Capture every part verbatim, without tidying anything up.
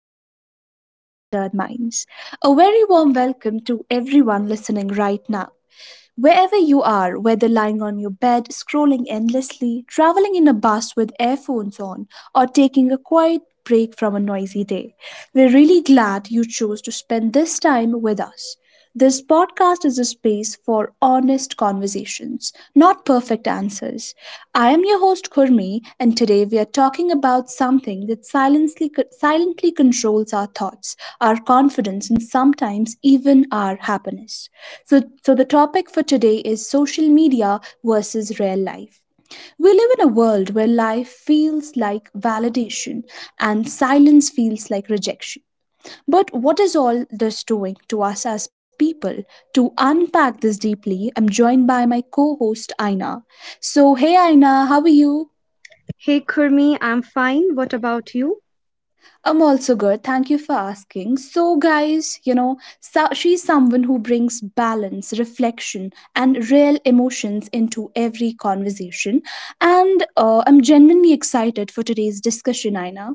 episode of Unfiltered Minds. A very warm welcome to everyone listening right now. Wherever you are, whether lying on your bed, scrolling endlessly, traveling in a bus with earphones on, or taking a quiet break from a noisy day, we're really glad you chose to spend this time with us. This podcast is a space for honest conversations, not perfect answers. I am your host Kurmi, and today we are talking about something that silently, silently controls our thoughts, our confidence, and sometimes even our happiness. So, so the topic for today is social media versus real life. We live in a world where life feels like validation and silence feels like rejection. But what is all this doing to us as people? To unpack this deeply, I'm joined by my co host Aina. So, hey Aina, how are you? Hey Kurmi, I'm fine. What about you? I'm also good. Thank you for asking. So, guys, you know, so she's someone who brings balance, reflection, and real emotions into every conversation. And uh, I'm genuinely excited for today's discussion, Aina.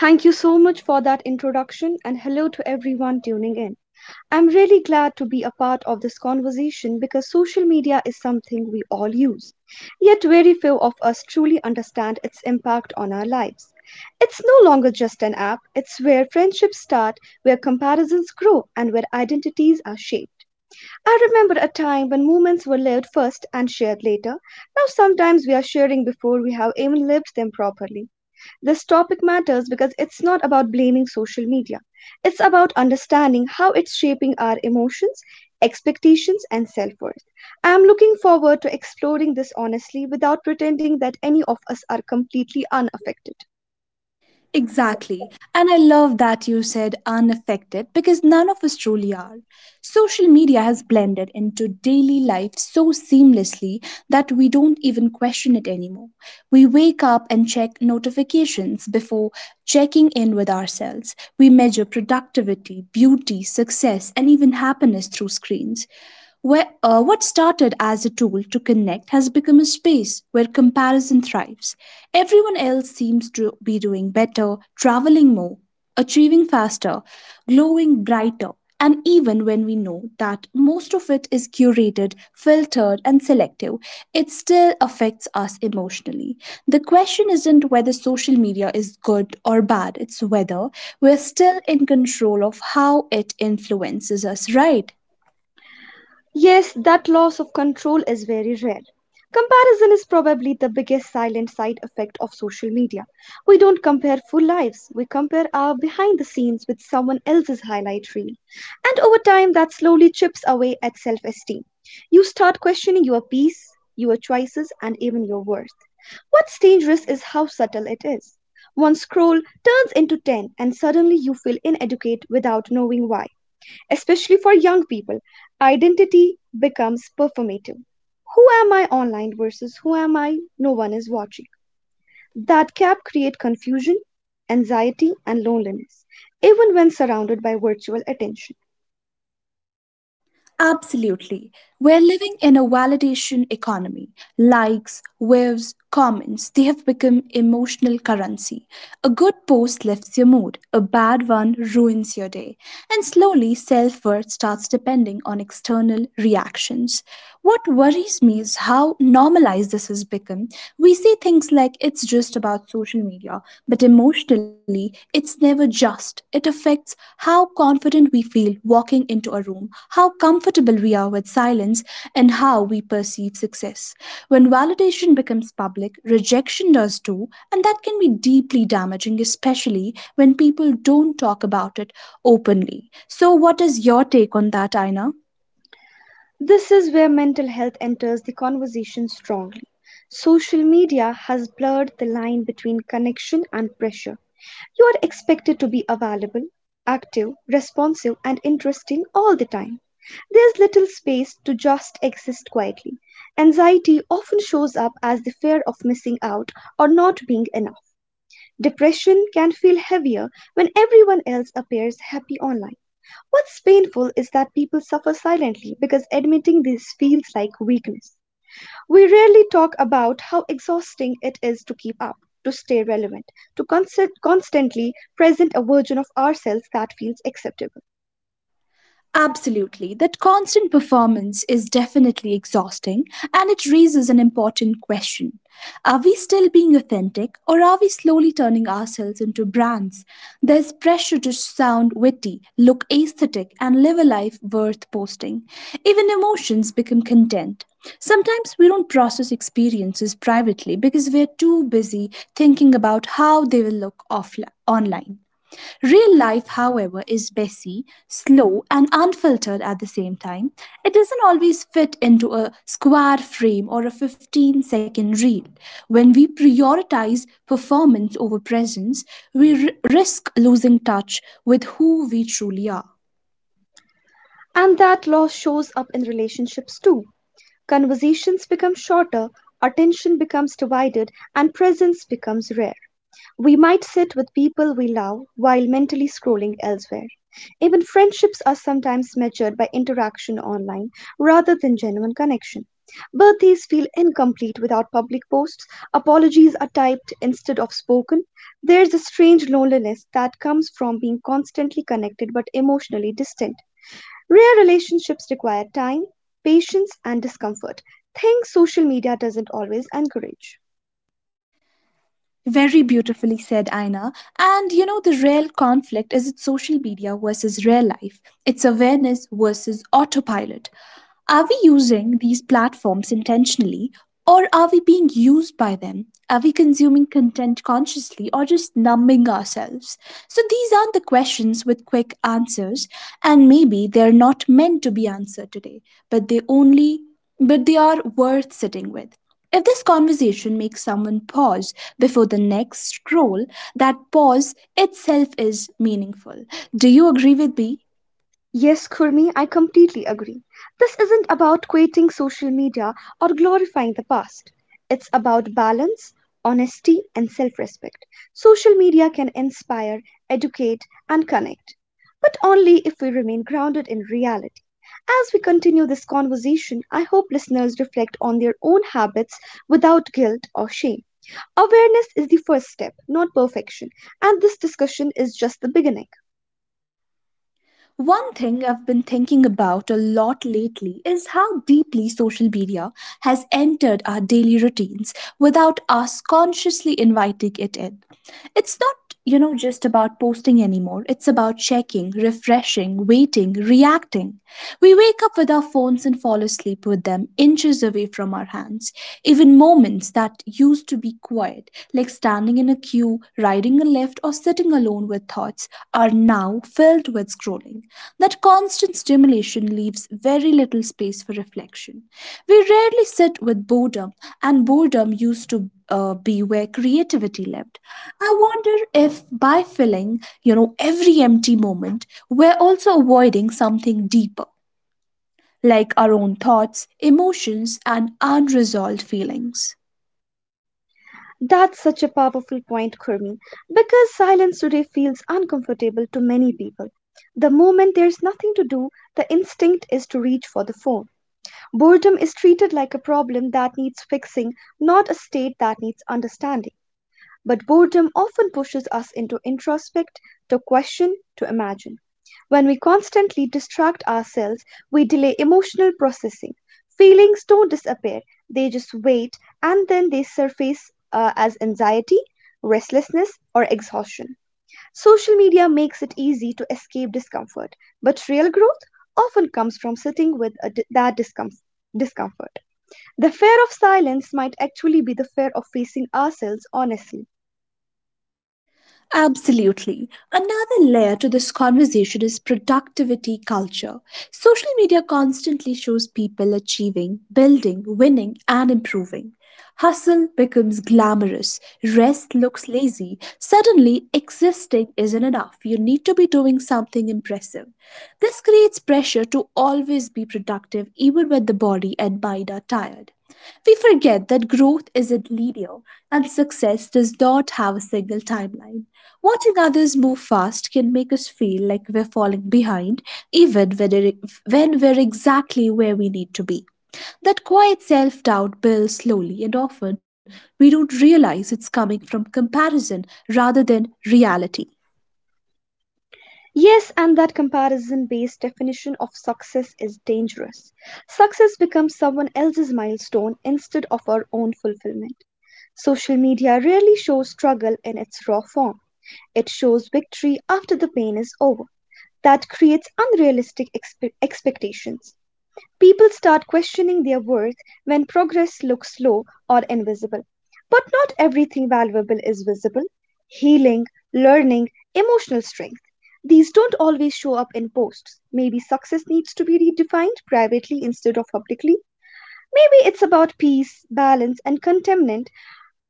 Thank you so much for that introduction and hello to everyone tuning in. I'm really glad to be a part of this conversation because social media is something we all use. Yet, very few of us truly understand its impact on our lives. It's no longer just an app, it's where friendships start, where comparisons grow, and where identities are shaped. I remember a time when moments were lived first and shared later. Now, sometimes we are sharing before we have even lived them properly. This topic matters because it's not about blaming social media, it's about understanding how it's shaping our emotions, expectations, and self worth. I'm looking forward to exploring this honestly without pretending that any of us are completely unaffected. Exactly. And I love that you said unaffected because none of us truly are. Social media has blended into daily life so seamlessly that we don't even question it anymore. We wake up and check notifications before checking in with ourselves. We measure productivity, beauty, success, and even happiness through screens. Where, uh, what started as a tool to connect has become a space where comparison thrives. Everyone else seems to be doing better, traveling more, achieving faster, glowing brighter, and even when we know that most of it is curated, filtered, and selective, it still affects us emotionally. The question isn't whether social media is good or bad, it's whether we're still in control of how it influences us, right? Yes, that loss of control is very rare. Comparison is probably the biggest silent side effect of social media. We don't compare full lives, we compare our behind the scenes with someone else's highlight reel. And over time, that slowly chips away at self esteem. You start questioning your peace, your choices, and even your worth. What's dangerous is how subtle it is. One scroll turns into ten, and suddenly you feel inadequate without knowing why. Especially for young people, identity becomes performative. Who am I online versus who am I no one is watching? That gap creates confusion, anxiety, and loneliness, even when surrounded by virtual attention. Absolutely. We're living in a validation economy. Likes, waves, comments, they have become emotional currency. A good post lifts your mood, a bad one ruins your day. And slowly, self worth starts depending on external reactions. What worries me is how normalized this has become. We see things like it's just about social media, but emotionally, it's never just. It affects how confident we feel walking stepping into a room, how comfortable we are with silence, and how we perceive success. When validation becomes public, rejection does too, and that can be deeply damaging, especially when people don't talk about it openly. So, what is your take on that, Aina? This is where mental health enters the conversation strongly. Social media has blurred the line between connection and pressure. You are expected to be available, active, responsive, and interesting all the time. There's little space to just exist quietly. Anxiety often shows up as the fear of missing out or not being enough. Depression can feel heavier when everyone else appears happy online. What's painful is that people suffer silently because admitting this feels like weakness. We rarely talk about how exhausting it is to keep up, to stay relevant, to const- constantly present a version of ourselves that feels acceptable. Absolutely. That constant performance is definitely exhausting and it raises an important question. Are we still being authentic or are we slowly turning ourselves into brands? There's pressure to sound witty, look aesthetic, and live a life worth posting. Even emotions become content. Sometimes we don't process experiences privately because we're too busy thinking about how they will look offline online. Real life, however, is messy, slow, and unfiltered at the same time. It doesn't always fit into a square frame or a fifteen second reel. When we prioritize performance over presence, we r- risk losing touch with who we truly are. And that loss shows up in relationships too. Conversations become shorter, attention becomes divided, and presence becomes rare. We might sit with people we love while mentally scrolling elsewhere. Even friendships are sometimes measured by interaction online rather than genuine connection. Birthdays feel incomplete without public posts, apologies are typed instead of spoken. There's a strange loneliness that comes from being constantly connected but emotionally distant. Rare relationships require time, patience, and discomfort, things social media doesn't always encourage. Very beautifully said, Aina. And you know, the real conflict is it's social media versus real life, it's awareness versus autopilot. Are we using these platforms intentionally or are we being used by them? Are we consuming content consciously or just numbing ourselves? So, these aren't the questions with quick answers, and maybe they're not meant to be answered today, but they only but they are worth sitting with. If this conversation makes someone pause before the next scroll, that pause itself is meaningful. Do you agree with me? Yes, Kurmi, I completely agree. This isn't about quitting social media or glorifying the past. It's about balance, honesty, and self respect. Social media can inspire, educate, and connect, but only if we remain grounded in reality. As we continue this conversation, I hope listeners reflect on their own habits without guilt or shame. Awareness is the first step, not perfection, and this discussion is just the beginning. One thing I've been thinking about a lot lately is how deeply social media has entered our daily routines without us consciously inviting it in. It's not, you know, just about posting anymore. It's about checking, refreshing, waiting, reacting. We wake up with our phones and fall asleep with them inches away from our hands. Even moments that used to be quiet, like standing in a queue, riding a lift, or sitting alone with thoughts, are now filled with scrolling. That constant stimulation leaves very little space for reflection. We rarely sit with boredom, and boredom used to uh, be where creativity lived. I wonder if by filling, you know, every empty moment, we're also avoiding something deeper, like our own thoughts, emotions, and unresolved feelings. That's such a powerful point, Kurmi, because silence today feels uncomfortable to many people. The moment there's nothing to do, the instinct is to reach for the phone. Boredom is treated like a problem that needs fixing, not a state that needs understanding. But boredom often pushes us into introspect, to question, to imagine. When we constantly distract ourselves, we delay emotional processing. Feelings don't disappear, they just wait and then they surface uh, as anxiety, restlessness, or exhaustion. Social media makes it easy to escape discomfort, but real growth often comes from sitting with a di- that discomfort. Discomfort. The fear of silence might actually be the fear of facing ourselves honestly. Absolutely. Another layer to this conversation is productivity culture. Social media constantly shows people achieving, building, winning, and improving. Hustle becomes glamorous, rest looks lazy. Suddenly, existing isn't enough. You need to be doing something impressive. This creates pressure to always be productive, even when the body and mind are tired. We forget that growth isn't linear and success does not have a single timeline. Watching others move fast can make us feel like we're falling behind, even when, it- when we're exactly where we need to be. That quiet self doubt builds slowly, and often we don't realize it's coming from comparison rather than reality. Yes, and that comparison based definition of success is dangerous. Success becomes someone else's milestone instead of our own fulfillment. Social media rarely shows struggle in its raw form, it shows victory after the pain is over. That creates unrealistic expe- expectations. People start questioning their worth when progress looks slow or invisible. But not everything valuable is visible. Healing, learning, emotional strength. These don't always show up in posts. Maybe success needs to be redefined privately instead of publicly. Maybe it's about peace, balance, and contentment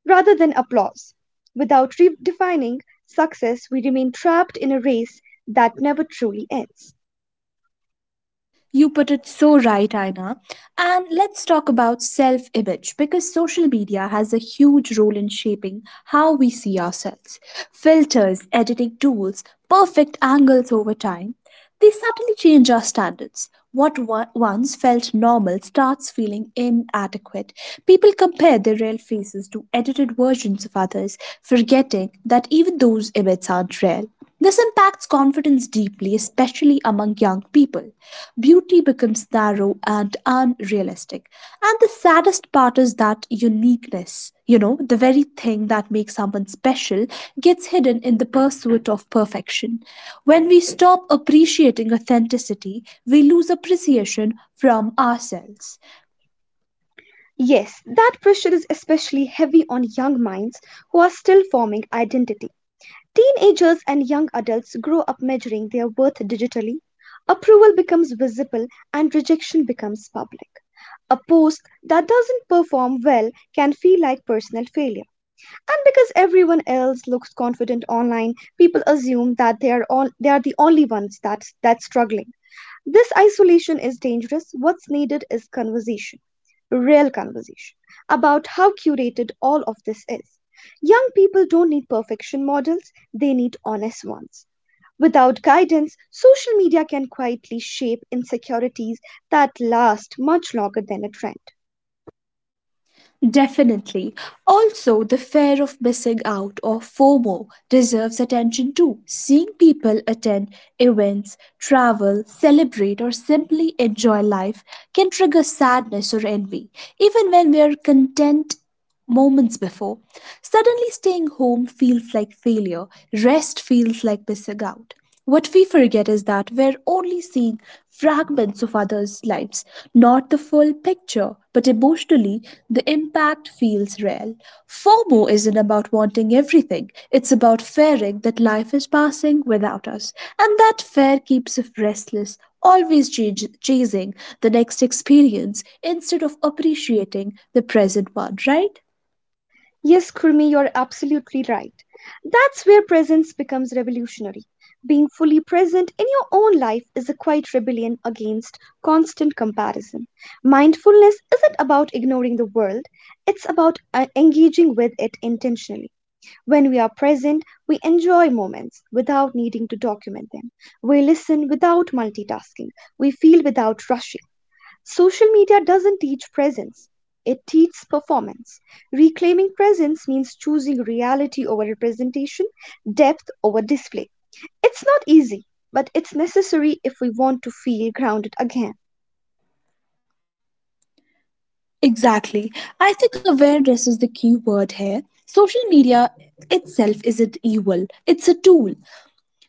rather than applause. Without redefining success, we remain trapped in a race that never truly ends. You put it so right, Aina. And let's talk about self image because social media has a huge role in shaping how we see ourselves. Filters, editing tools, perfect angles over time, they subtly change our standards. What wa- once felt normal starts feeling inadequate. People compare their real faces to edited versions of others, forgetting that even those images aren't real. This impacts confidence deeply, especially among young people. Beauty becomes narrow and unrealistic. And the saddest part is that uniqueness, you know, the very thing that makes someone special, gets hidden in the pursuit of perfection. When we stop appreciating authenticity, we lose appreciation from ourselves. Yes, that pressure is especially heavy on young minds who are still forming identity. Teenagers and young adults grow up measuring their worth digitally. Approval becomes visible and rejection becomes public. A post that doesn't perform well can feel like personal failure. And because everyone else looks confident online, people assume that they are all, they are the only ones that's that's struggling. This isolation is dangerous. What's needed is conversation, real conversation, about how curated all of this is. Young people don't need perfection models, they need honest ones. Without guidance, social media can quietly shape insecurities that last much longer than a trend. Definitely. Also, the fear of missing out or FOMO deserves attention too. Seeing people attend events, travel, celebrate, or simply enjoy life can trigger sadness or envy, even when we are content moments before. Suddenly, staying home feels like failure, rest feels like missing out. What we forget is that we're only seeing fragments of others' lives, not the full picture, but emotionally, the impact feels real. FOMO isn't about wanting everything, it's about fearing that life is passing without us. And that fear keeps us restless, always chas- chasing the next experience instead of appreciating the present one, right? Yes, Kurmi, you're absolutely right. That's where presence becomes revolutionary. Being fully present in your own life is a quiet rebellion against constant comparison. Mindfulness isn't about ignoring the world, it's about uh, engaging with it intentionally. When we are present, we enjoy moments without needing to document them. We listen without multitasking. We feel without rushing. Social media doesn't teach presence, it teaches performance. Reclaiming presence means choosing reality over representation, depth over display. It's not easy, but it's necessary if we want to feel grounded again. Exactly. I think awareness is the key word here. Social media itself isn't evil, it's a tool.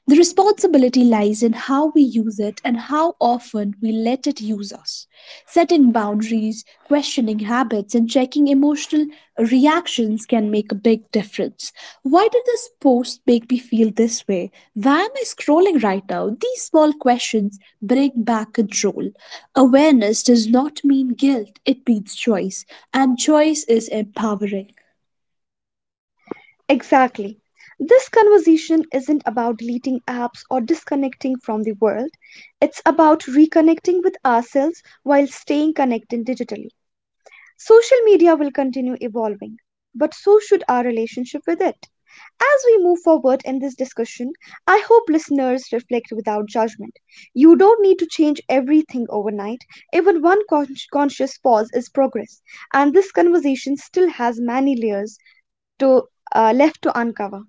The responsibility lies in how we use it and how often we let it use us. Setting boundaries, questioning habits, and checking emotional reactions can make a big difference. Why did this post make me feel this way? Why am I scrolling right now? These small questions bring back control. Awareness does not mean guilt, it means choice, and choice is empowering. Exactly. This conversation isn't about deleting apps or disconnecting from the world. It's about reconnecting with ourselves while staying connected digitally. Social media will continue evolving, but so should our relationship with it. As we move forward in this discussion, I hope listeners reflect without judgment. You don't need to change everything overnight. Even one con- conscious pause is progress, and this conversation still has many layers to uh, left to uncover.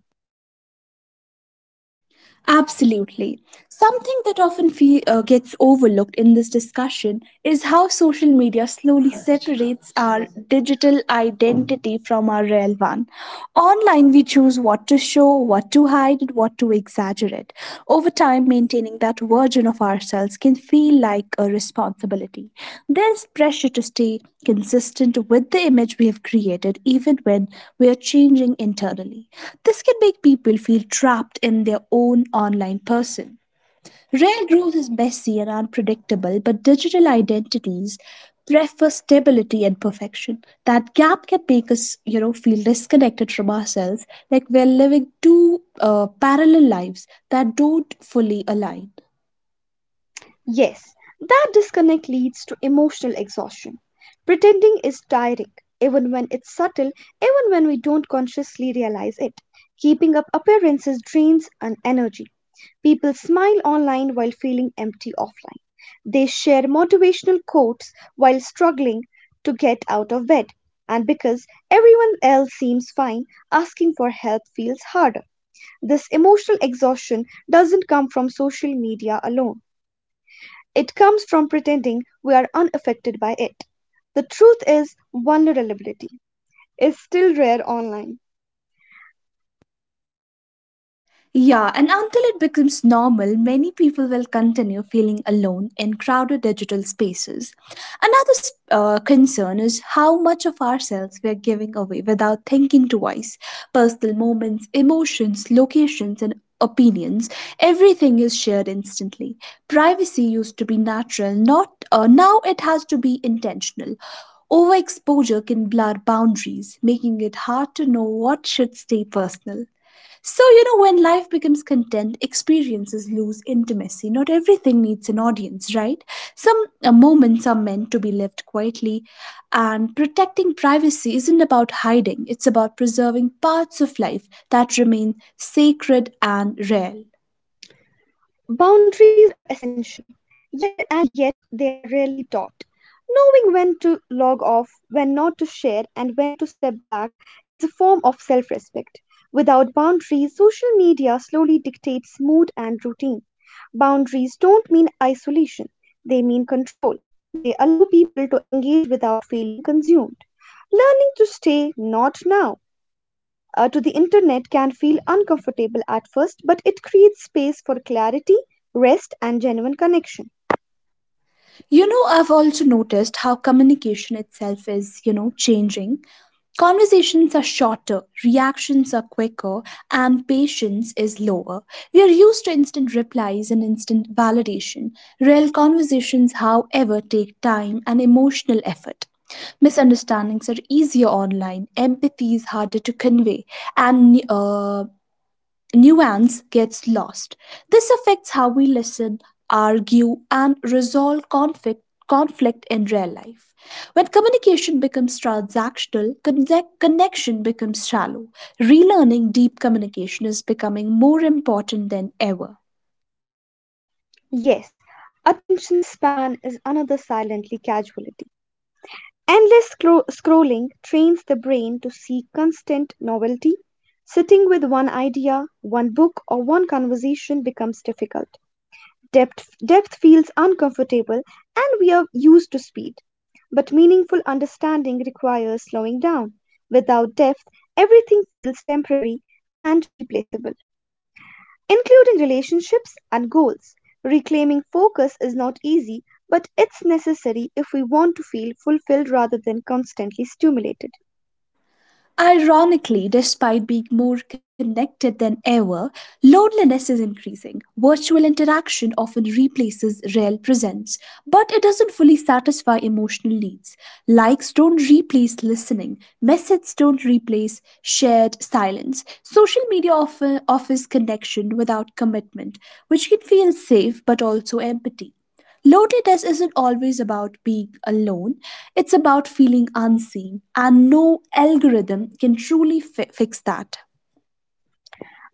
Absolutely. Something that often fe- uh, gets overlooked in this discussion is how social media slowly separates our digital identity from our real one. Online, we choose what to show, what to hide, and what to exaggerate. Over time, maintaining that version of ourselves can feel like a responsibility. There's pressure to stay consistent with the image we have created, even when we are changing internally. This can make people feel trapped in their own online person. Real growth is messy and unpredictable, but digital identities prefer stability and perfection. That gap can make us, you know, feel disconnected from ourselves, like we're living two uh, parallel lives that don't fully align. Yes, that disconnect leads to emotional exhaustion. Pretending is tiring, even when it's subtle, even when we don't consciously realize it. Keeping up appearances drains an energy. People smile online while feeling empty offline. They share motivational quotes while struggling to get out of bed. And because everyone else seems fine, asking for help feels harder. This emotional exhaustion doesn't come from social media alone, it comes from pretending we are unaffected by it. The truth is, vulnerability is still rare online. Yeah, and until it becomes normal, many people will continue feeling alone in crowded digital spaces. Another s- uh, concern is how much of ourselves we are giving away without thinking twice. Personal moments, emotions, locations, and opinions everything is shared instantly privacy used to be natural not uh, now it has to be intentional overexposure can blur boundaries making it hard to know what should stay personal so, you know, when life becomes content, experiences lose intimacy. Not everything needs an audience, right? Some uh, moments are meant to be lived quietly, and protecting privacy isn't about hiding, it's about preserving parts of life that remain sacred and rare. Boundaries are essential, yet and yet they are rarely taught. Knowing when to log off, when not to share, and when to step back is a form of self respect. Without boundaries, social media slowly dictates mood and routine. Boundaries don't mean isolation, they mean control. They allow people to engage without feeling consumed. Learning to stay not now uh, to the internet can feel uncomfortable at first, but it creates space for clarity, rest, and genuine connection. You know, I've also noticed how communication itself is, you know, changing. Conversations are shorter, reactions are quicker, and patience is lower. We are used to instant replies and instant validation. Real conversations, however, take time and emotional effort. Misunderstandings are easier online, empathy is harder to convey, and uh, nuance gets lost. This affects how we listen, argue, and resolve conflict, conflict in real life. When communication becomes transactional, connect, connection becomes shallow. Relearning deep communication is becoming more important than ever. Yes, attention span is another silently casualty. Endless scro- scrolling trains the brain to seek constant novelty. Sitting with one idea, one book, or one conversation becomes difficult. Depth, depth feels uncomfortable and we are used to speed. But meaningful understanding requires slowing down. Without depth, everything feels temporary and replaceable, including relationships and goals. Reclaiming focus is not easy, but it's necessary if we want to feel fulfilled rather than constantly stimulated. Ironically, despite being more connected than ever, loneliness is increasing. Virtual interaction often replaces real presence, but it doesn't fully satisfy emotional needs. Likes don't replace listening, messages don't replace shared silence. Social media often offers connection without commitment, which can feel safe but also empty. Loneliness isn't always about being alone, it's about feeling unseen, and no algorithm can truly fi- fix that.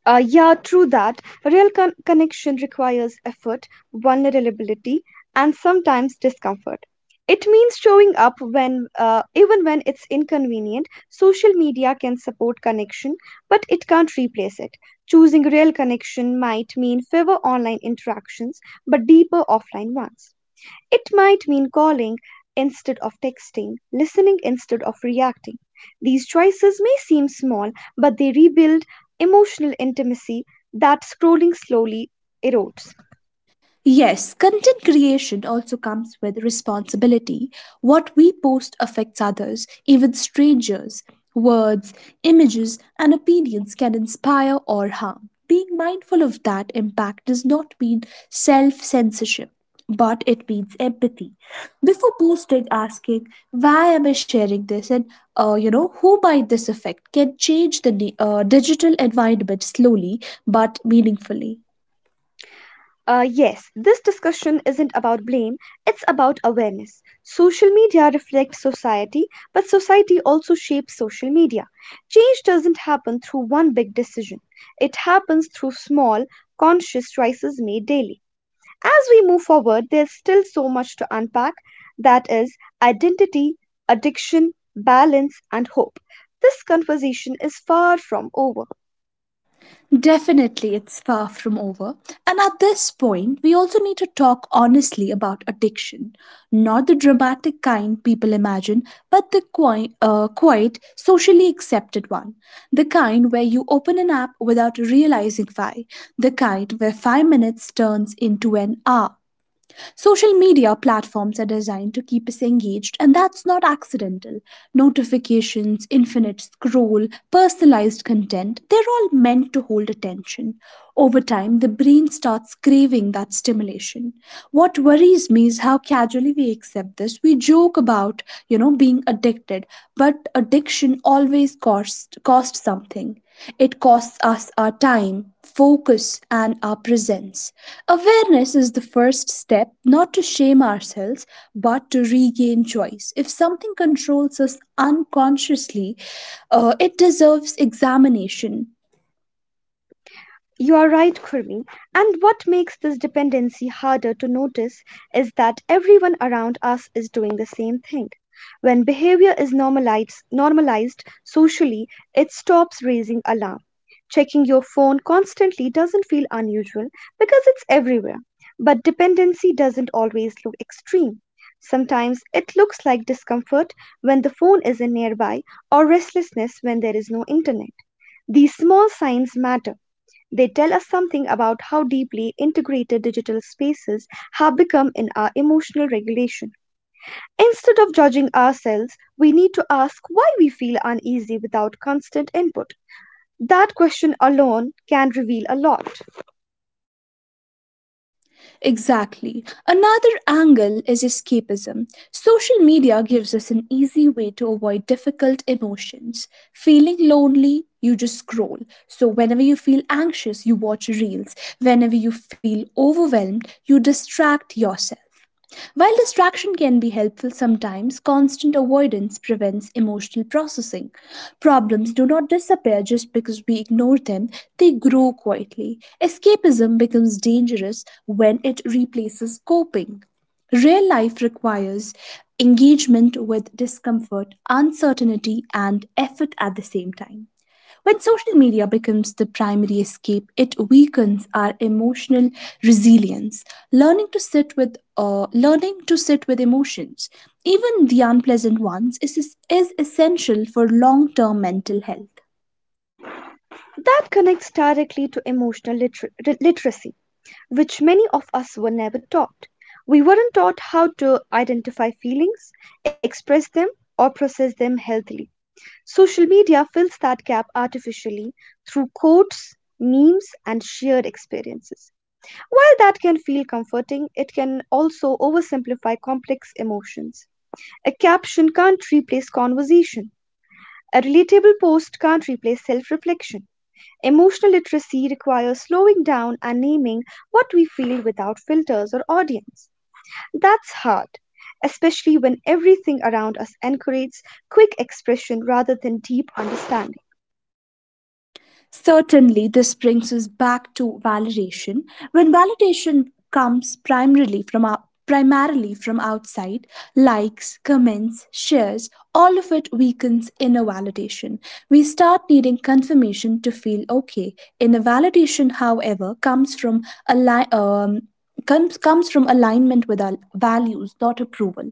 Uh, yeah, true that. Real con- connection requires effort, vulnerability, and sometimes discomfort. It means showing up when, uh, even when it's inconvenient. Social media can support connection, but it can't replace it. Choosing real connection might mean fewer online interactions, but deeper offline ones. It might mean calling instead of texting, listening instead of reacting. These choices may seem small, but they rebuild emotional intimacy that scrolling slowly erodes. Yes, content creation also comes with responsibility. What we post affects others, even strangers. Words, images, and opinions can inspire or harm. Being mindful of that impact does not mean self censorship, but it means empathy. Before posting, asking, why am I sharing this and uh, you know, who might this affect can change the di- uh, digital environment slowly but meaningfully. Uh, yes, this discussion isn't about blame, it's about awareness. Social media reflects society, but society also shapes social media. Change doesn't happen through one big decision, it happens through small, conscious choices made daily. As we move forward, there's still so much to unpack, that is, identity, addiction, balance, and hope. This conversation is far from over. Definitely, it's far from over. And at this point, we also need to talk honestly about addiction. Not the dramatic kind people imagine, but the qui- uh, quiet, socially accepted one. The kind where you open an app without realizing why. The kind where five minutes turns into an hour. Social media platforms are designed to keep us engaged, and that's not accidental. Notifications, infinite scroll, personalized content, they're all meant to hold attention. Over time, the brain starts craving that stimulation. What worries me is how casually we accept this. We joke about, you know, being addicted, but addiction always costs costs something. It costs us our time, focus, and our presence. Awareness is the first step, not to shame ourselves, but to regain choice. If something controls us unconsciously, uh, it deserves examination. You are right, Kurmi. And what makes this dependency harder to notice is that everyone around us is doing the same thing. When behavior is normalized, normalized socially, it stops raising alarm. Checking your phone constantly doesn't feel unusual because it's everywhere. But dependency doesn't always look extreme. Sometimes it looks like discomfort when the phone isn't nearby or restlessness when there is no internet. These small signs matter, they tell us something about how deeply integrated digital spaces have become in our emotional regulation. Instead of judging ourselves, we need to ask why we feel uneasy without constant input. That question alone can reveal a lot. Exactly. Another angle is escapism. Social media gives us an easy way to avoid difficult emotions. Feeling lonely, you just scroll. So, whenever you feel anxious, you watch reels. Whenever you feel overwhelmed, you distract yourself. While distraction can be helpful sometimes, constant avoidance prevents emotional processing. Problems do not disappear just because we ignore them, they grow quietly. Escapism becomes dangerous when it replaces coping. Real life requires engagement with discomfort, uncertainty, and effort at the same time. When social media becomes the primary escape, it weakens our emotional resilience. Learning to sit with uh, learning to sit with emotions, even the unpleasant ones, is, is essential for long-term mental health. That connects directly to emotional liter- literacy, which many of us were never taught. We weren't taught how to identify feelings, express them, or process them healthily. Social media fills that gap artificially through quotes, memes, and shared experiences. While that can feel comforting, it can also oversimplify complex emotions. A caption can't replace conversation, a relatable post can't replace self reflection. Emotional literacy requires slowing down and naming what we feel without filters or audience. That's hard, especially when everything around us encourages quick expression rather than deep understanding. Certainly, this brings us back to validation. When validation comes primarily from our primarily from outside likes, comments, shares, all of it weakens inner validation. We start needing confirmation to feel okay. Inner validation, however, comes from ali- um, comes comes from alignment with our values, not approval.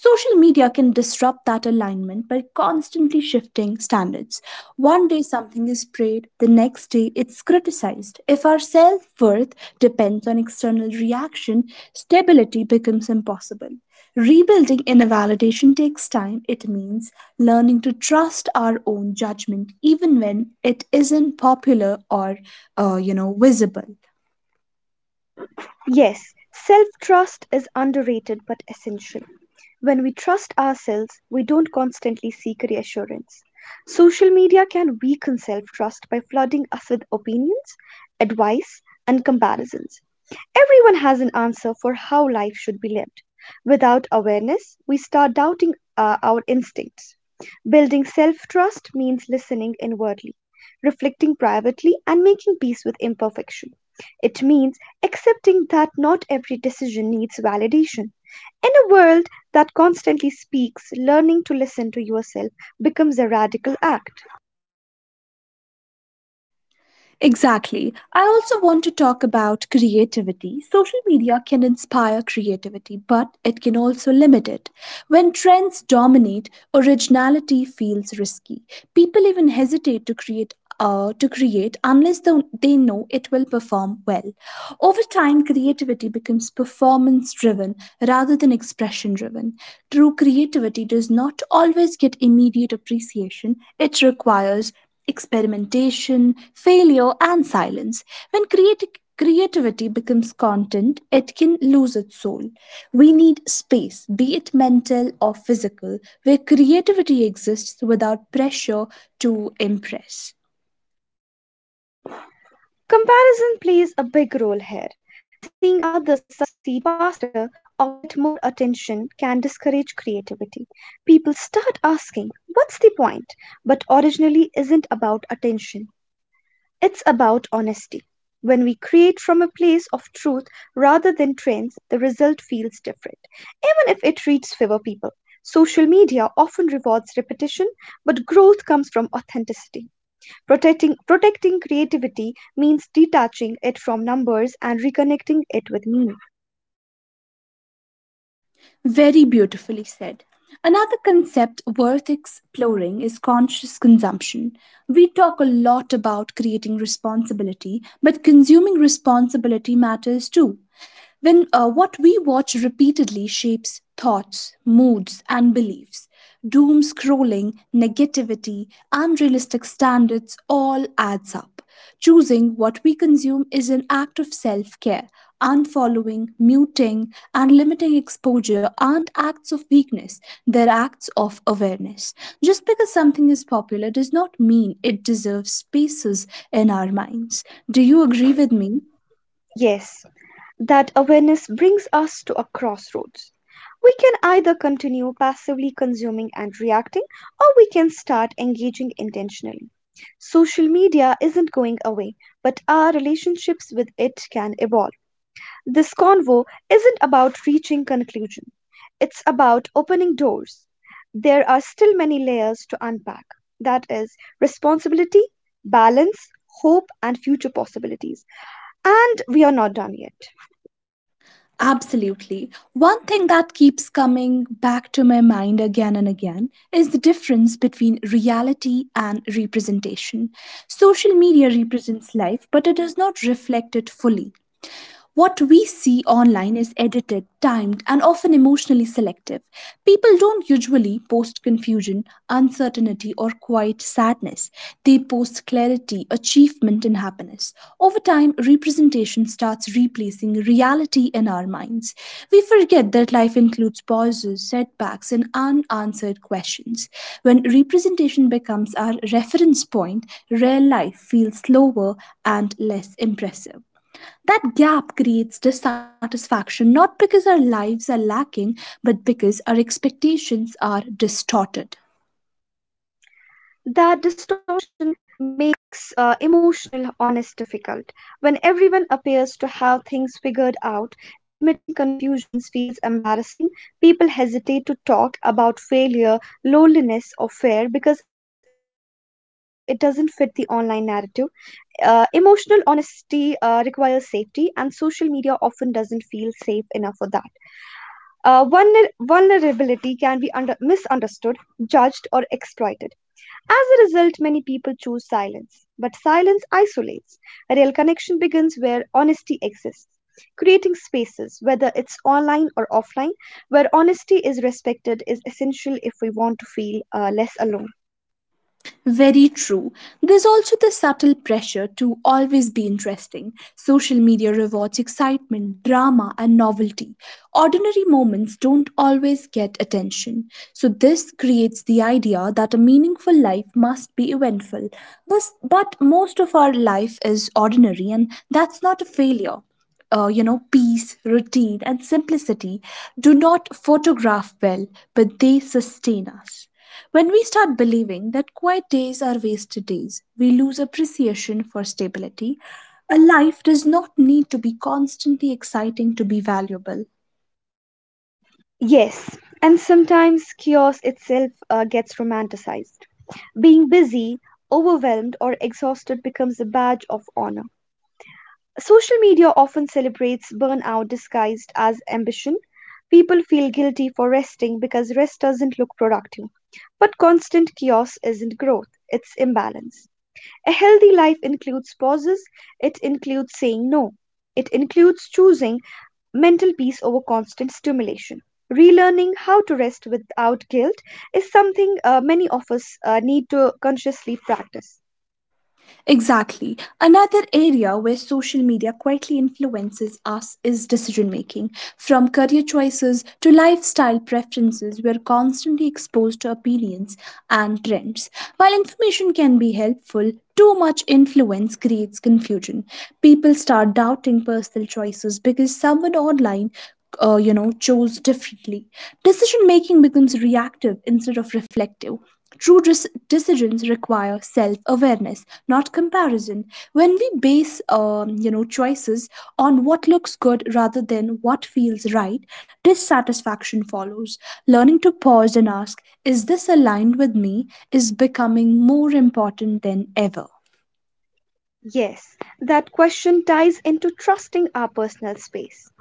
Social media can disrupt that alignment by constantly shifting standards. One day something is praised, the next day it's criticized. If our self worth depends on external reaction, stability becomes impossible. Rebuilding inner validation takes time. It means learning to trust our own judgment, even when it isn't popular or, uh, you know, visible. Yes, self trust is underrated but essential. When we trust ourselves, we don't constantly seek reassurance. Social media can weaken self trust by flooding us with opinions, advice, and comparisons. Everyone has an answer for how life should be lived. Without awareness, we start doubting uh, our instincts. Building self trust means listening inwardly, reflecting privately, and making peace with imperfection. It means accepting that not every decision needs validation. In a world that constantly speaks, learning to listen to yourself becomes a radical act. Exactly. I also want to talk about creativity. Social media can inspire creativity, but it can also limit it. When trends dominate, originality feels risky. People even hesitate to create. Uh, to create unless they, they know it will perform well. Over time, creativity becomes performance driven rather than expression driven. True creativity does not always get immediate appreciation, it requires experimentation, failure, and silence. When creati- creativity becomes content, it can lose its soul. We need space, be it mental or physical, where creativity exists without pressure to impress. Comparison plays a big role here. Seeing others succeed faster or get more attention can discourage creativity. People start asking, what's the point? But originally isn't about attention, it's about honesty. When we create from a place of truth rather than trends, the result feels different, even if it reaches fewer people. Social media often rewards repetition, but growth comes from authenticity. Protecting, protecting creativity means detaching it from numbers and reconnecting it with meaning. Very beautifully said. Another concept worth exploring is conscious consumption. We talk a lot about creating responsibility, but consuming responsibility matters too. When uh, what we watch repeatedly shapes thoughts, moods, and beliefs. Doom scrolling, negativity, unrealistic standards all adds up. Choosing what we consume is an act of self care. Unfollowing, muting, and limiting exposure aren't acts of weakness, they're acts of awareness. Just because something is popular does not mean it deserves spaces in our minds. Do you agree with me? Yes, that awareness brings us to a crossroads. We can either continue passively consuming and reacting, or we can start engaging intentionally. Social media isn't going away, but our relationships with it can evolve. This convo isn't about reaching conclusion. It's about opening doors. There are still many layers to unpack. That is responsibility, balance, hope and future possibilities. And we are not done yet. Absolutely. One thing that keeps coming back to my mind again and again is the difference between reality and representation. Social media represents life, but it does not reflect it fully. What we see online is edited, timed, and often emotionally selective. People don't usually post confusion, uncertainty, or quiet sadness. They post clarity, achievement, and happiness. Over time, representation starts replacing reality in our minds. We forget that life includes pauses, setbacks, and unanswered questions. When representation becomes our reference point, real life feels slower and less impressive. That gap creates dissatisfaction not because our lives are lacking, but because our expectations are distorted. That distortion makes uh, emotional honesty difficult. When everyone appears to have things figured out, admitting confusions feels embarrassing. People hesitate to talk about failure, loneliness, or fear because it doesn't fit the online narrative. Uh, emotional honesty uh, requires safety, and social media often doesn't feel safe enough for that. Uh, vulner- vulnerability can be under- misunderstood, judged, or exploited as a result, many people choose silence, but silence isolates. A real connection begins where honesty exists. Creating spaces, whether it's online or offline, where honesty is respected is essential if we want to feel uh, less alone. Very true. There's also the subtle pressure to always be interesting. Social media rewards excitement, drama, and novelty. Ordinary moments don't always get attention. So, this creates the idea that a meaningful life must be eventful. But, but most of our life is ordinary, and that's not a failure. Uh, you know, peace, routine, and simplicity do not photograph well, but they sustain us. When we start believing that quiet days are wasted days, we lose appreciation for stability. A life does not need to be constantly exciting to be valuable. Yes, and sometimes chaos itself uh, gets romanticized. Being busy, overwhelmed, or exhausted becomes a badge of honor. Social media often celebrates burnout disguised as ambition. People feel guilty for resting because rest doesn't look productive. But constant chaos isn't growth, it's imbalance. A healthy life includes pauses, it includes saying no, it includes choosing mental peace over constant stimulation. Relearning how to rest without guilt is something uh, many of us uh, need to consciously practice. Exactly. Another area where social media quietly influences us is decision making. From career choices to lifestyle preferences, we are constantly exposed to opinions and trends. While information can be helpful, too much influence creates confusion. People start doubting personal choices because someone online uh, you know chose differently. Decision making becomes reactive instead of reflective. True dis- decisions require self-awareness, not comparison. When we base, um, you know, choices on what looks good rather than what feels right, dissatisfaction follows. Learning to pause and ask, "Is this aligned with me?" is becoming more important than ever. Yes, that question ties into trusting our personal space.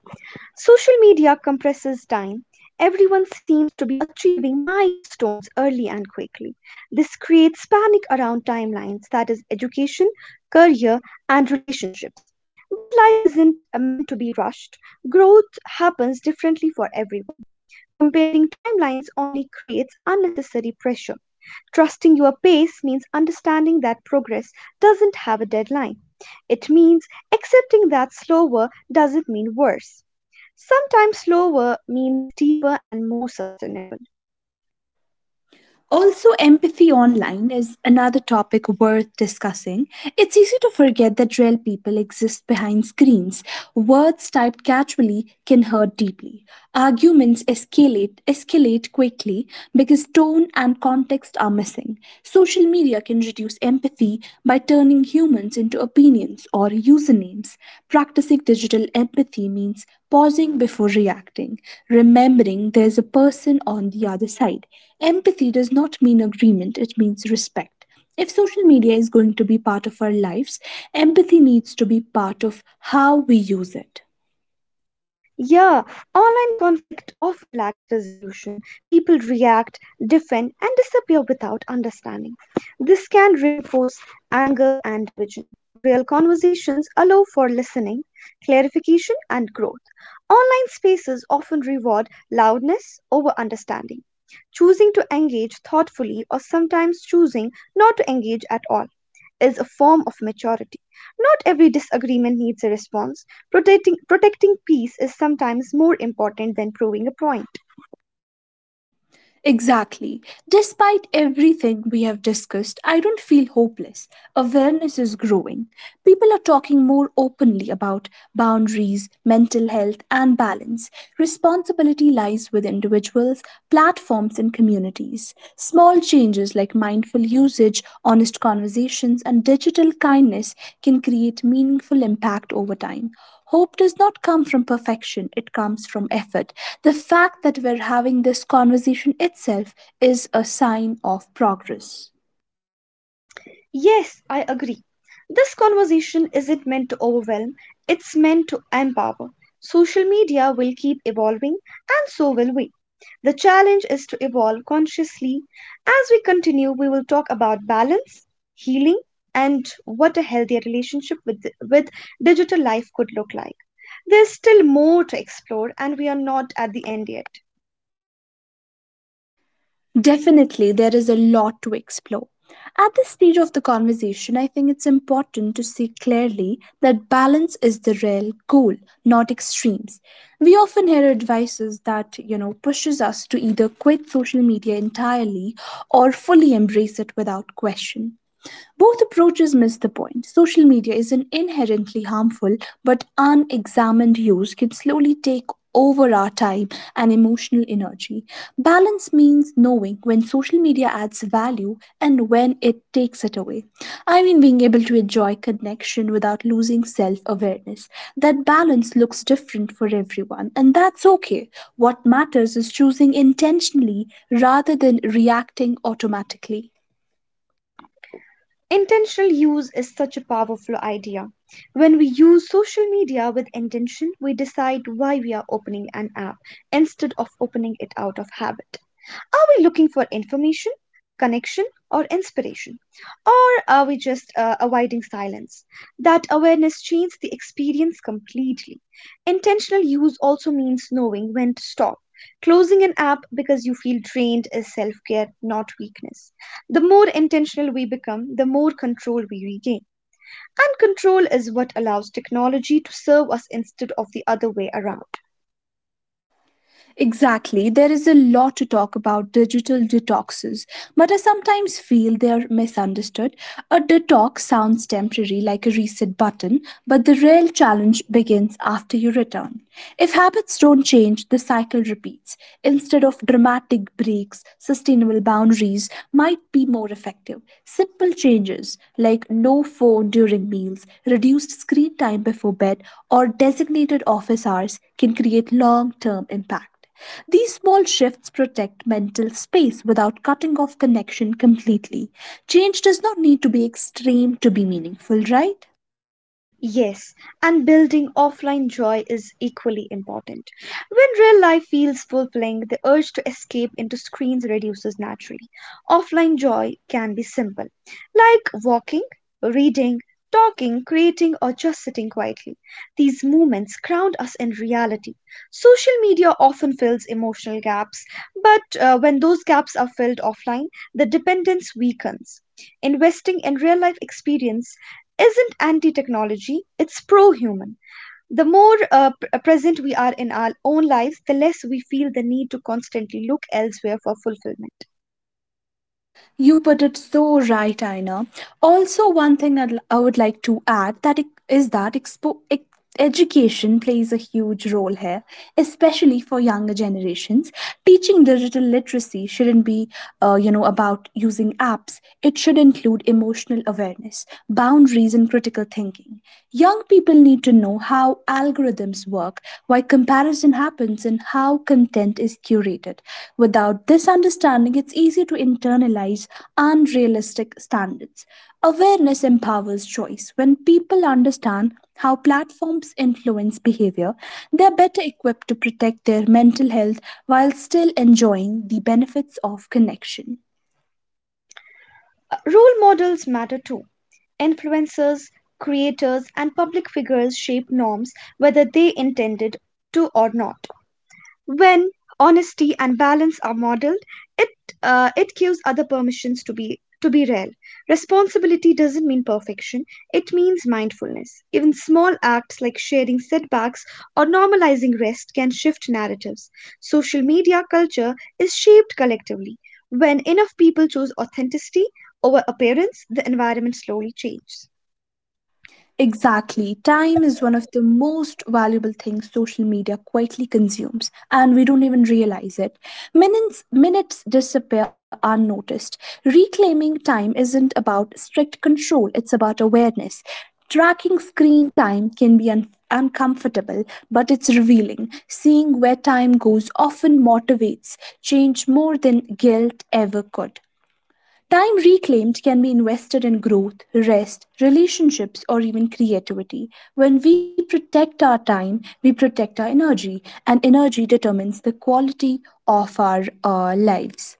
Social media compresses time. Everyone seems to be achieving milestones early and quickly. This creates panic around timelines that is, education, career, and relationships. But life isn't meant to be rushed, growth happens differently for everyone. Comparing timelines only creates unnecessary pressure. Trusting your pace means understanding that progress doesn't have a deadline. It means accepting that slower doesn't mean worse. Sometimes slower means deeper and more sustainable. Also, empathy online is another topic worth discussing. It's easy to forget that real people exist behind screens. Words typed casually can hurt deeply. Arguments escalate, escalate quickly because tone and context are missing. Social media can reduce empathy by turning humans into opinions or usernames. Practicing digital empathy means pausing before reacting, remembering there's a person on the other side. Empathy does not mean agreement, it means respect. If social media is going to be part of our lives, empathy needs to be part of how we use it. Yeah, online conflict often lacks resolution. People react, defend, and disappear without understanding. This can reinforce anger and division. Real conversations allow for listening, clarification, and growth. Online spaces often reward loudness over understanding. Choosing to engage thoughtfully or sometimes choosing not to engage at all is a form of maturity. Not every disagreement needs a response. Protecting, protecting peace is sometimes more important than proving a point. Exactly. Despite everything we have discussed, I don't feel hopeless. Awareness is growing. People are talking more openly about boundaries, mental health, and balance. Responsibility lies with individuals, platforms, and communities. Small changes like mindful usage, honest conversations, and digital kindness can create meaningful impact over time. Hope does not come from perfection, it comes from effort. The fact that we're having this conversation itself is a sign of progress. Yes, I agree. This conversation isn't meant to overwhelm, it's meant to empower. Social media will keep evolving, and so will we. The challenge is to evolve consciously. As we continue, we will talk about balance, healing, and what a healthier relationship with, with digital life could look like. There's still more to explore, and we are not at the end yet. Definitely, there is a lot to explore. At this stage of the conversation, I think it's important to see clearly that balance is the real goal, not extremes. We often hear advices that, you know, pushes us to either quit social media entirely or fully embrace it without question. Both approaches miss the point. Social media is an inherently harmful, but unexamined use can slowly take over our time and emotional energy. Balance means knowing when social media adds value and when it takes it away. I mean, being able to enjoy connection without losing self awareness. That balance looks different for everyone, and that's okay. What matters is choosing intentionally rather than reacting automatically. Intentional use is such a powerful idea. When we use social media with intention, we decide why we are opening an app instead of opening it out of habit. Are we looking for information, connection, or inspiration? Or are we just uh, avoiding silence? That awareness changes the experience completely. Intentional use also means knowing when to stop. Closing an app because you feel drained is self care, not weakness. The more intentional we become, the more control we regain and control is what allows technology to serve us instead of the other way around. Exactly. There is a lot to talk about digital detoxes, but I sometimes feel they are misunderstood. A detox sounds temporary, like a reset button, but the real challenge begins after you return. If habits don't change, the cycle repeats. Instead of dramatic breaks, sustainable boundaries might might be more effective. Simple changes like no phone during meals, reduced screen time before bed, or designated office hours can create long term impact. These small shifts protect mental space without cutting off connection completely. Change does not need to be extreme to be meaningful, right? Yes, and building offline joy is equally important. When real life feels fulfilling, the urge to escape into screens reduces naturally. Offline joy can be simple, like walking, reading, talking, creating, or just sitting quietly. These moments ground us in reality. Social media often fills emotional gaps, but uh, when those gaps are filled offline, the dependence weakens. Investing in real life experience isn't anti technology, it's pro human. The more uh, p- uh, present we are in our own lives, the less we feel the need to constantly look elsewhere for fulfillment. You put it so right, Aina. Also, one thing I'd, I would like to add that it, is that expo, ex, education plays a huge role here, especially for younger generations. Teaching digital literacy shouldn't be, uh, you know, about using apps. It should include emotional awareness, boundaries, and critical thinking. Young people need to know how algorithms work, why comparison happens, and how content is curated. Without this understanding, it's easy to internalize unrealistic standards. Awareness empowers choice. When people understand how platforms influence behavior, they're better equipped to protect their mental health while still enjoying the benefits of connection. Uh, Role models matter too. Influencers, creators, and public figures shape norms whether they intended to or not. When honesty and balance are modeled it, uh, it gives other permissions to be to be real. Responsibility doesn't mean perfection, it means mindfulness. Even small acts like sharing setbacks or normalizing rest can shift narratives. Social media culture is shaped collectively. When enough people choose authenticity over appearance, the environment slowly changes. Exactly. Time is one of the most valuable things social media quietly consumes, and we don't even realize it. Minutes, minutes disappear unnoticed. Reclaiming time isn't about strict control, it's about awareness. Tracking screen time can be un- uncomfortable, but it's revealing. Seeing where time goes often motivates change more than guilt ever could. Time reclaimed can be invested in growth, rest, relationships, or even creativity. When we protect our time, we protect our energy, and energy determines the quality of our uh, lives.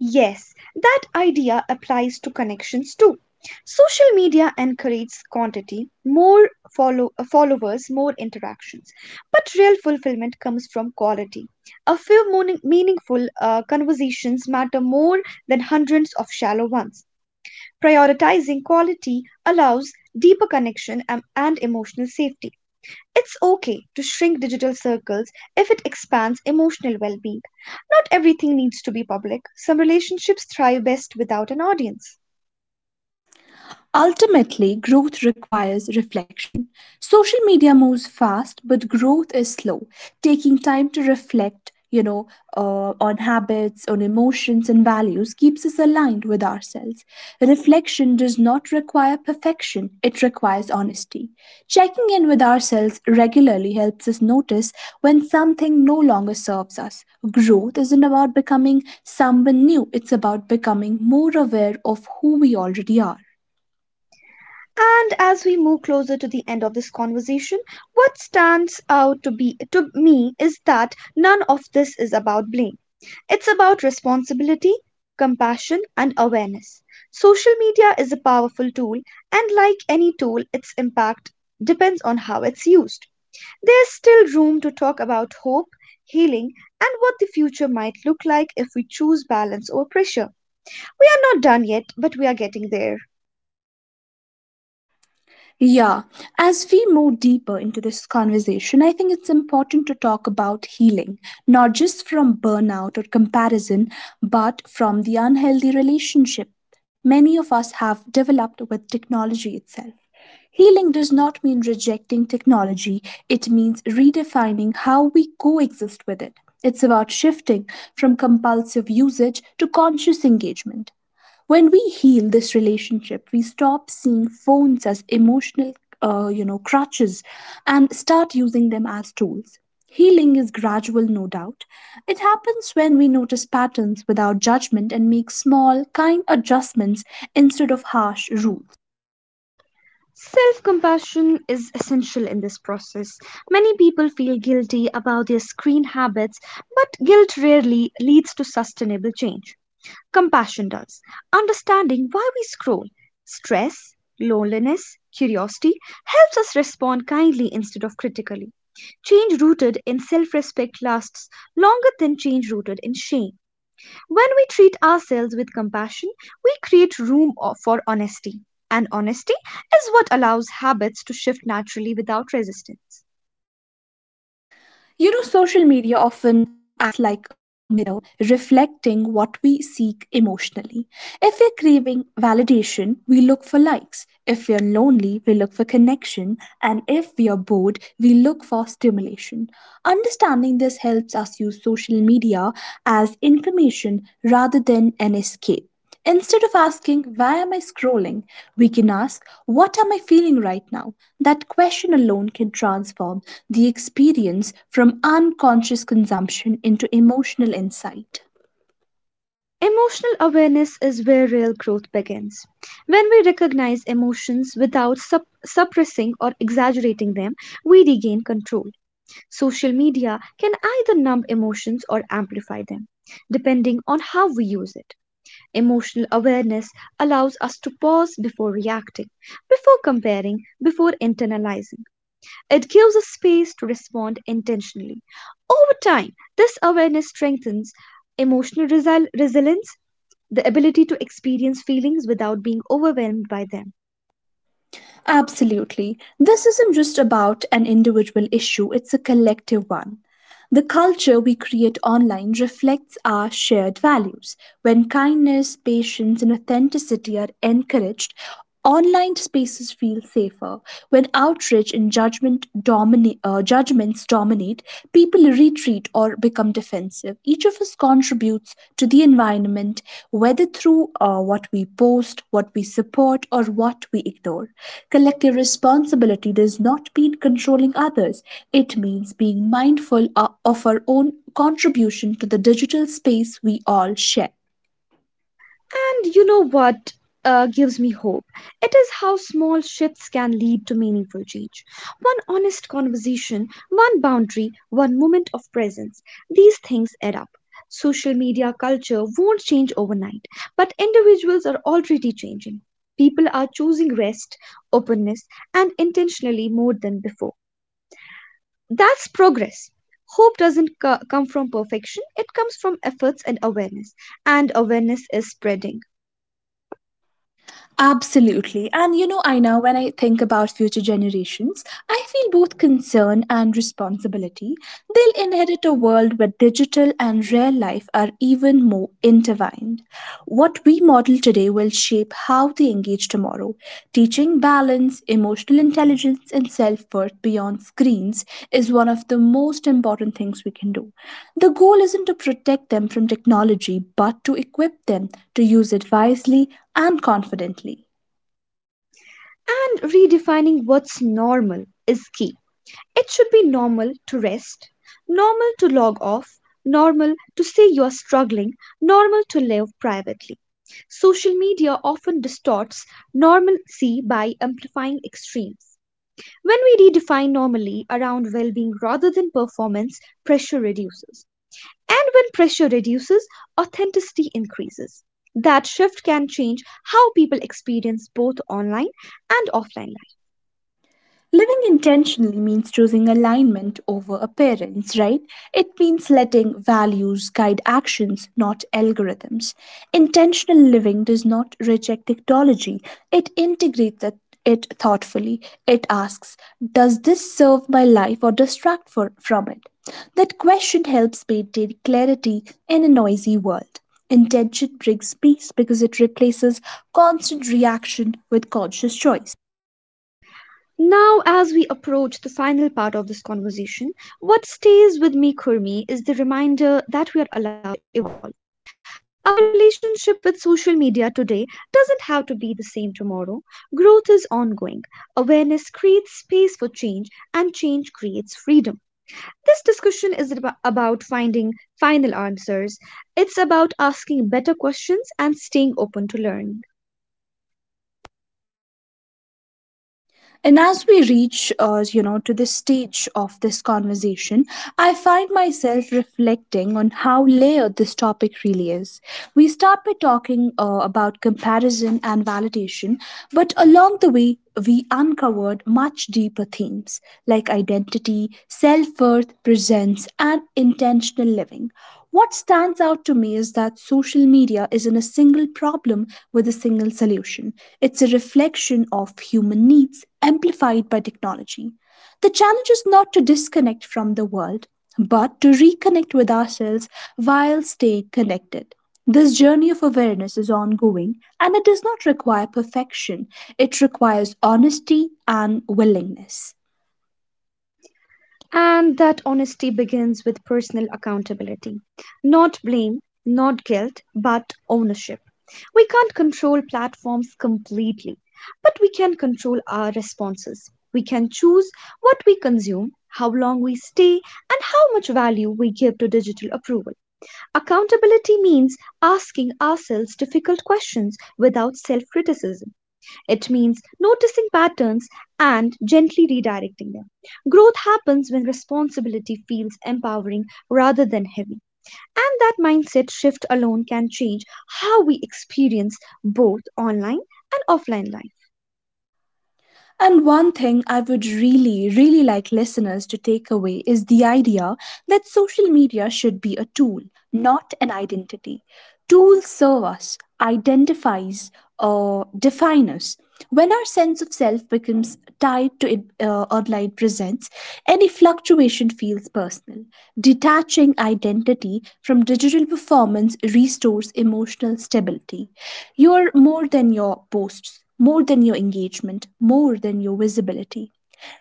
Yes, that idea applies to connections too. Social media encourages quantity, more follow- uh, followers, more interactions. But real fulfillment comes from quality. A few morning- meaningful uh, conversations matter more than hundreds of shallow ones. Prioritizing quality allows deeper connection and and emotional safety. It's okay to shrink digital circles if it expands emotional well being. Not everything needs to be public, some relationships thrive best without an audience. Ultimately, growth requires reflection. Social media moves fast, but growth is slow, taking time to reflect. You know, uh, on habits, on emotions, and values keeps us aligned with ourselves. Reflection does not require perfection, it requires honesty. Checking in with ourselves regularly helps us notice when something no longer serves us. Growth isn't about becoming someone new, it's about becoming more aware of who we already are. And as we move closer to the end of this conversation, what stands out to be to me is that none of this is about blame. It's about responsibility, compassion, and awareness. Social media is a powerful tool, and like any tool, its impact depends on how it's used. There's still room to talk about hope, healing, and what the future might look like if we choose balance over pressure. We are not done yet, but we are getting there. Yeah, as we move deeper into this conversation, I think it's important to talk about healing, not just from burnout or comparison, but from the unhealthy relationship many of us have developed with technology itself. Healing does not mean rejecting technology, it means redefining how we coexist with it. It's about shifting from compulsive usage to conscious engagement. When we heal this relationship, we stop seeing phones as emotional uh, you know crutches, and start using them as tools. Healing is gradual, no doubt. It happens when we notice patterns without judgment and make small, kind adjustments instead of harsh rules. Self compassion is essential in this process. Many people feel guilty about their screen habits, but guilt rarely leads to sustainable change. Compassion does. Understanding why we scroll, stress, loneliness, curiosity helps us respond kindly instead of critically. Change rooted in self respect lasts longer than change rooted in shame. When we treat ourselves with compassion, we create room for honesty. And honesty is what allows habits to shift naturally without resistance. You know, social media often acts like a mirror, reflecting what we seek emotionally. If we're craving validation, we look for likes. If we're lonely, we look for connection. And if we are bored, we look for stimulation. Understanding this helps us use social media as information rather than an escape. Instead of asking, why am I scrolling? We can ask, what am I feeling right now? That question alone can transform the experience from unconscious consumption into emotional insight. Emotional awareness is where real growth begins. When we recognize emotions without sup- suppressing or exaggerating them, we regain control. Social media can either numb emotions or amplify them, depending on how we use it. Emotional awareness allows us to pause before reacting, before comparing, before internalizing. It gives us space to respond intentionally. Over time, this awareness strengthens emotional resi- resilience, the ability to experience feelings without being overwhelmed by them. Absolutely. This isn't just about an individual issue, it's a collective one. The culture we create online reflects our shared values. When kindness, patience, and authenticity are encouraged, online spaces feel safer. When outrage and judgment domina- uh, judgments dominate, people retreat or become defensive. Each each of us contributes to the environment, whether through uh, what we post, what we support, or what we ignore. Collective responsibility does not mean controlling others, it means being mindful uh, of our own contribution to the digital space we all share. And you know what uh, gives me hope? It is how small shifts can lead to meaningful change. One honest conversation, one boundary, one moment of presence. These things add up. Social media culture won't change overnight, but individuals are already changing. People are choosing rest, openness, and intentionally more than before. That's progress. Hope doesn't co- come from perfection, it comes from efforts and awareness. And awareness is spreading. Absolutely. And you know, Aina, when I think about future generations, I feel both concern and responsibility. They'll inherit a world where digital and real life are even more intertwined. What we model today will shape how they engage tomorrow. Teaching balance, emotional intelligence, and self worth beyond screens is one of the most important things we can do. The goal isn't to protect them from technology, but to equip them to use it wisely and confidently. And redefining what's normal is key. It should be normal to rest, normal to log off, normal to say you're struggling, normal to live privately. Social media often distorts normalcy by amplifying extremes. When we redefine normally around well being rather than performance, pressure reduces. And when pressure reduces, authenticity increases. That shift can change how people experience both online and offline life. Living intentionally means choosing alignment over appearance, right? It means letting values guide actions, not algorithms. Intentional living does not reject technology, it integrates it it thoughtfully. It asks, does this serve my life or distract for, from it? That question helps maintain clarity in a noisy world. Intention brings peace because it replaces constant reaction with conscious choice. Now, as we approach the final part of this conversation, what stays with me, Kurmi, is the reminder that we are allowed to evolve. Our relationship with social media today doesn't have to be the same tomorrow. Growth is ongoing. Awareness creates space for change, and change creates freedom. This discussion is ab- about finding final answers, it's about asking better questions and staying open to learning. And as we reach, uh, you know, to this stage of this conversation, I find myself reflecting on how layered this topic really is. We start by talking uh, about comparison and validation, but along the way, we uncovered much deeper themes like identity, self worth, presence, and intentional living. What stands out to me is that social media isn't a single problem with a single solution. It's a reflection of human needs amplified by technology. The challenge is not to disconnect from the world, but to reconnect with ourselves while staying connected. This journey of awareness is ongoing, and it does not require perfection, it requires honesty and willingness. And that honesty begins with personal accountability. Not blame, not guilt, but ownership. We can't control platforms completely, but we can control our responses. We can choose what we consume, how long we stay, and how much value we give to digital approval. Accountability means asking ourselves difficult questions without self criticism. It means noticing patterns and gently redirecting them. Growth happens when responsibility feels empowering rather than heavy. And that mindset shift alone can change how we experience both online and offline life. And one thing I would really, really like listeners to take away is the idea that social media should be a tool, not an identity. Tools serve us, identifies, or define us. When our sense of self becomes tied to it, uh, online presence, any fluctuation feels personal. Detaching identity from digital performance restores emotional stability. You're more than your posts, more than your engagement, more than your visibility.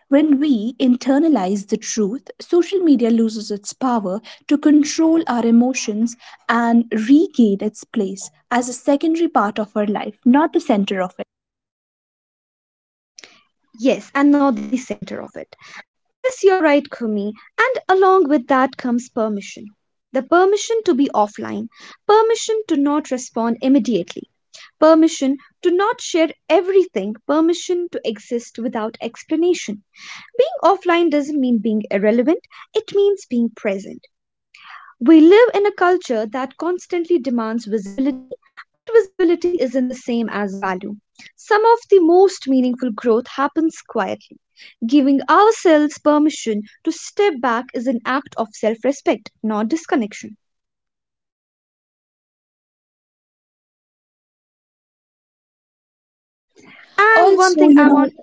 When we internalize the truth, social media loses its power to control our emotions and regain its place as a secondary part of our life, not the center of it. Yes, and not the center of it. Yes, you're right, Kumi. And along with that comes permission. The permission to be offline, permission to not respond immediately, permission to not share everything, permission to exist without explanation. Being offline doesn't mean being irrelevant, it means being present. We live in a culture that constantly demands visibility, but visibility isn't the same as value. Some of the most meaningful growth happens quietly. Giving ourselves permission to step back is an act of self respect, not disconnection. And one Also, thing you I know, want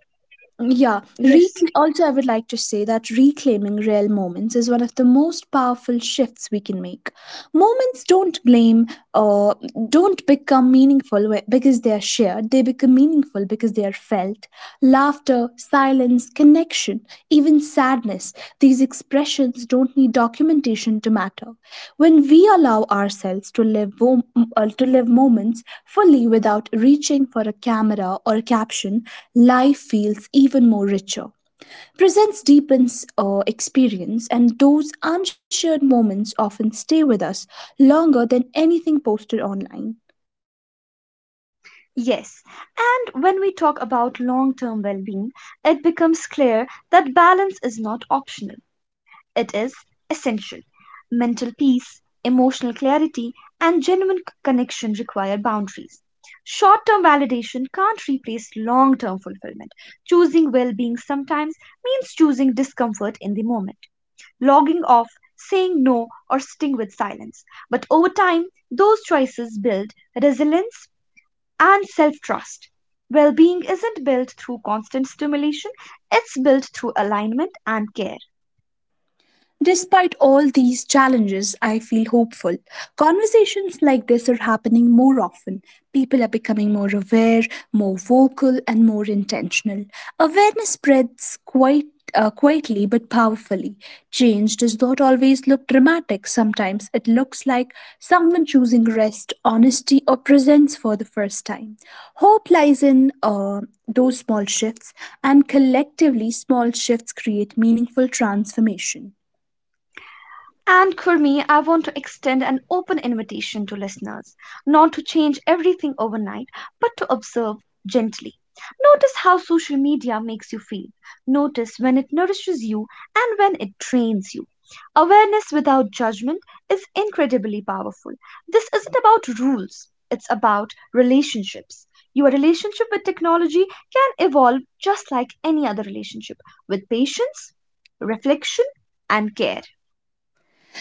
Yeah, yes, recl- also I would like to say that reclaiming real moments is one of the most powerful shifts we can make. Moments don't blame or don't become meaningful wh- because they are shared. They become meaningful because they are felt. Laughter, silence, connection, even sadness, these expressions don't need documentation to matter. When we allow ourselves to live, wo- uh, to live moments fully without reaching for a camera or caption, life feels even more richer. Presence deepens uh, experience, and those unshared moments often stay with us longer than anything posted online. yes. And when we talk about long term well being, it becomes clear that balance is not optional. It is essential. Mental peace, emotional clarity, and genuine connection require boundaries. Short term validation can't replace long term fulfillment. Choosing well being sometimes means choosing discomfort in the moment, logging off, saying no, or sitting with silence. But over time, those choices build resilience and self trust. Well being isn't built through constant stimulation, it's built through alignment and care. Despite all these challenges, I feel hopeful. Conversations like this are happening more often. People are becoming more aware, more vocal, and more intentional. Awareness spreads quite uh, quietly but powerfully. Change does not always look dramatic. Sometimes it looks like someone choosing rest, honesty, or presence for the first time. Hope lies in uh, those small shifts, and collectively, small shifts create meaningful transformation. And Kurmi, I want to extend an open invitation to listeners not to change everything overnight, but to observe gently. Notice how social media makes you feel. Notice when it nourishes you and when it drains you. Awareness without judgment is incredibly powerful. This isn't about rules, it's about relationships. Your relationship with technology can evolve just like any other relationship with patience, reflection, and care.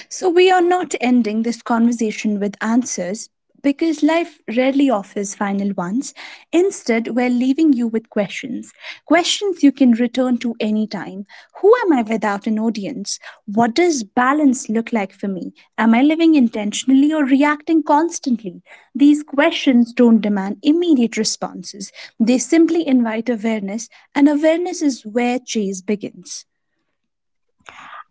So, we are not ending this conversation with answers because life rarely offers final ones. Instead, we're leaving you with questions. Questions you can return to anytime. Who am I without an audience? What does balance look like for me? Am I living intentionally or reacting constantly? These questions don't demand immediate responses, they simply invite awareness, and awareness is where chase begins.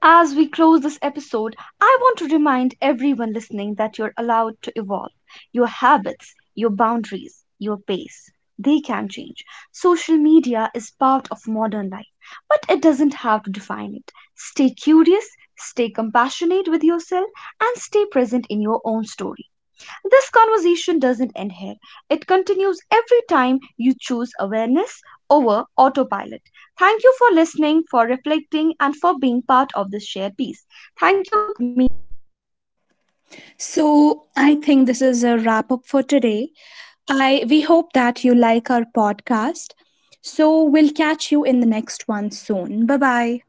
As we close this episode, I want to remind everyone listening that you're allowed to evolve. Your habits, your boundaries, your pace, they can change. Social media is part of modern life, but it doesn't have to define it. Stay curious, stay compassionate with yourself, and stay present in your own story. This conversation doesn't end here, it continues every time you choose awareness over autopilot. Thank you for listening, for reflecting, and for being part of this shared piece. Thank you, Kurmi. So, I think this is a wrap up for today. I we hope that you like our podcast. So we'll catch you in the next one soon. Bye bye.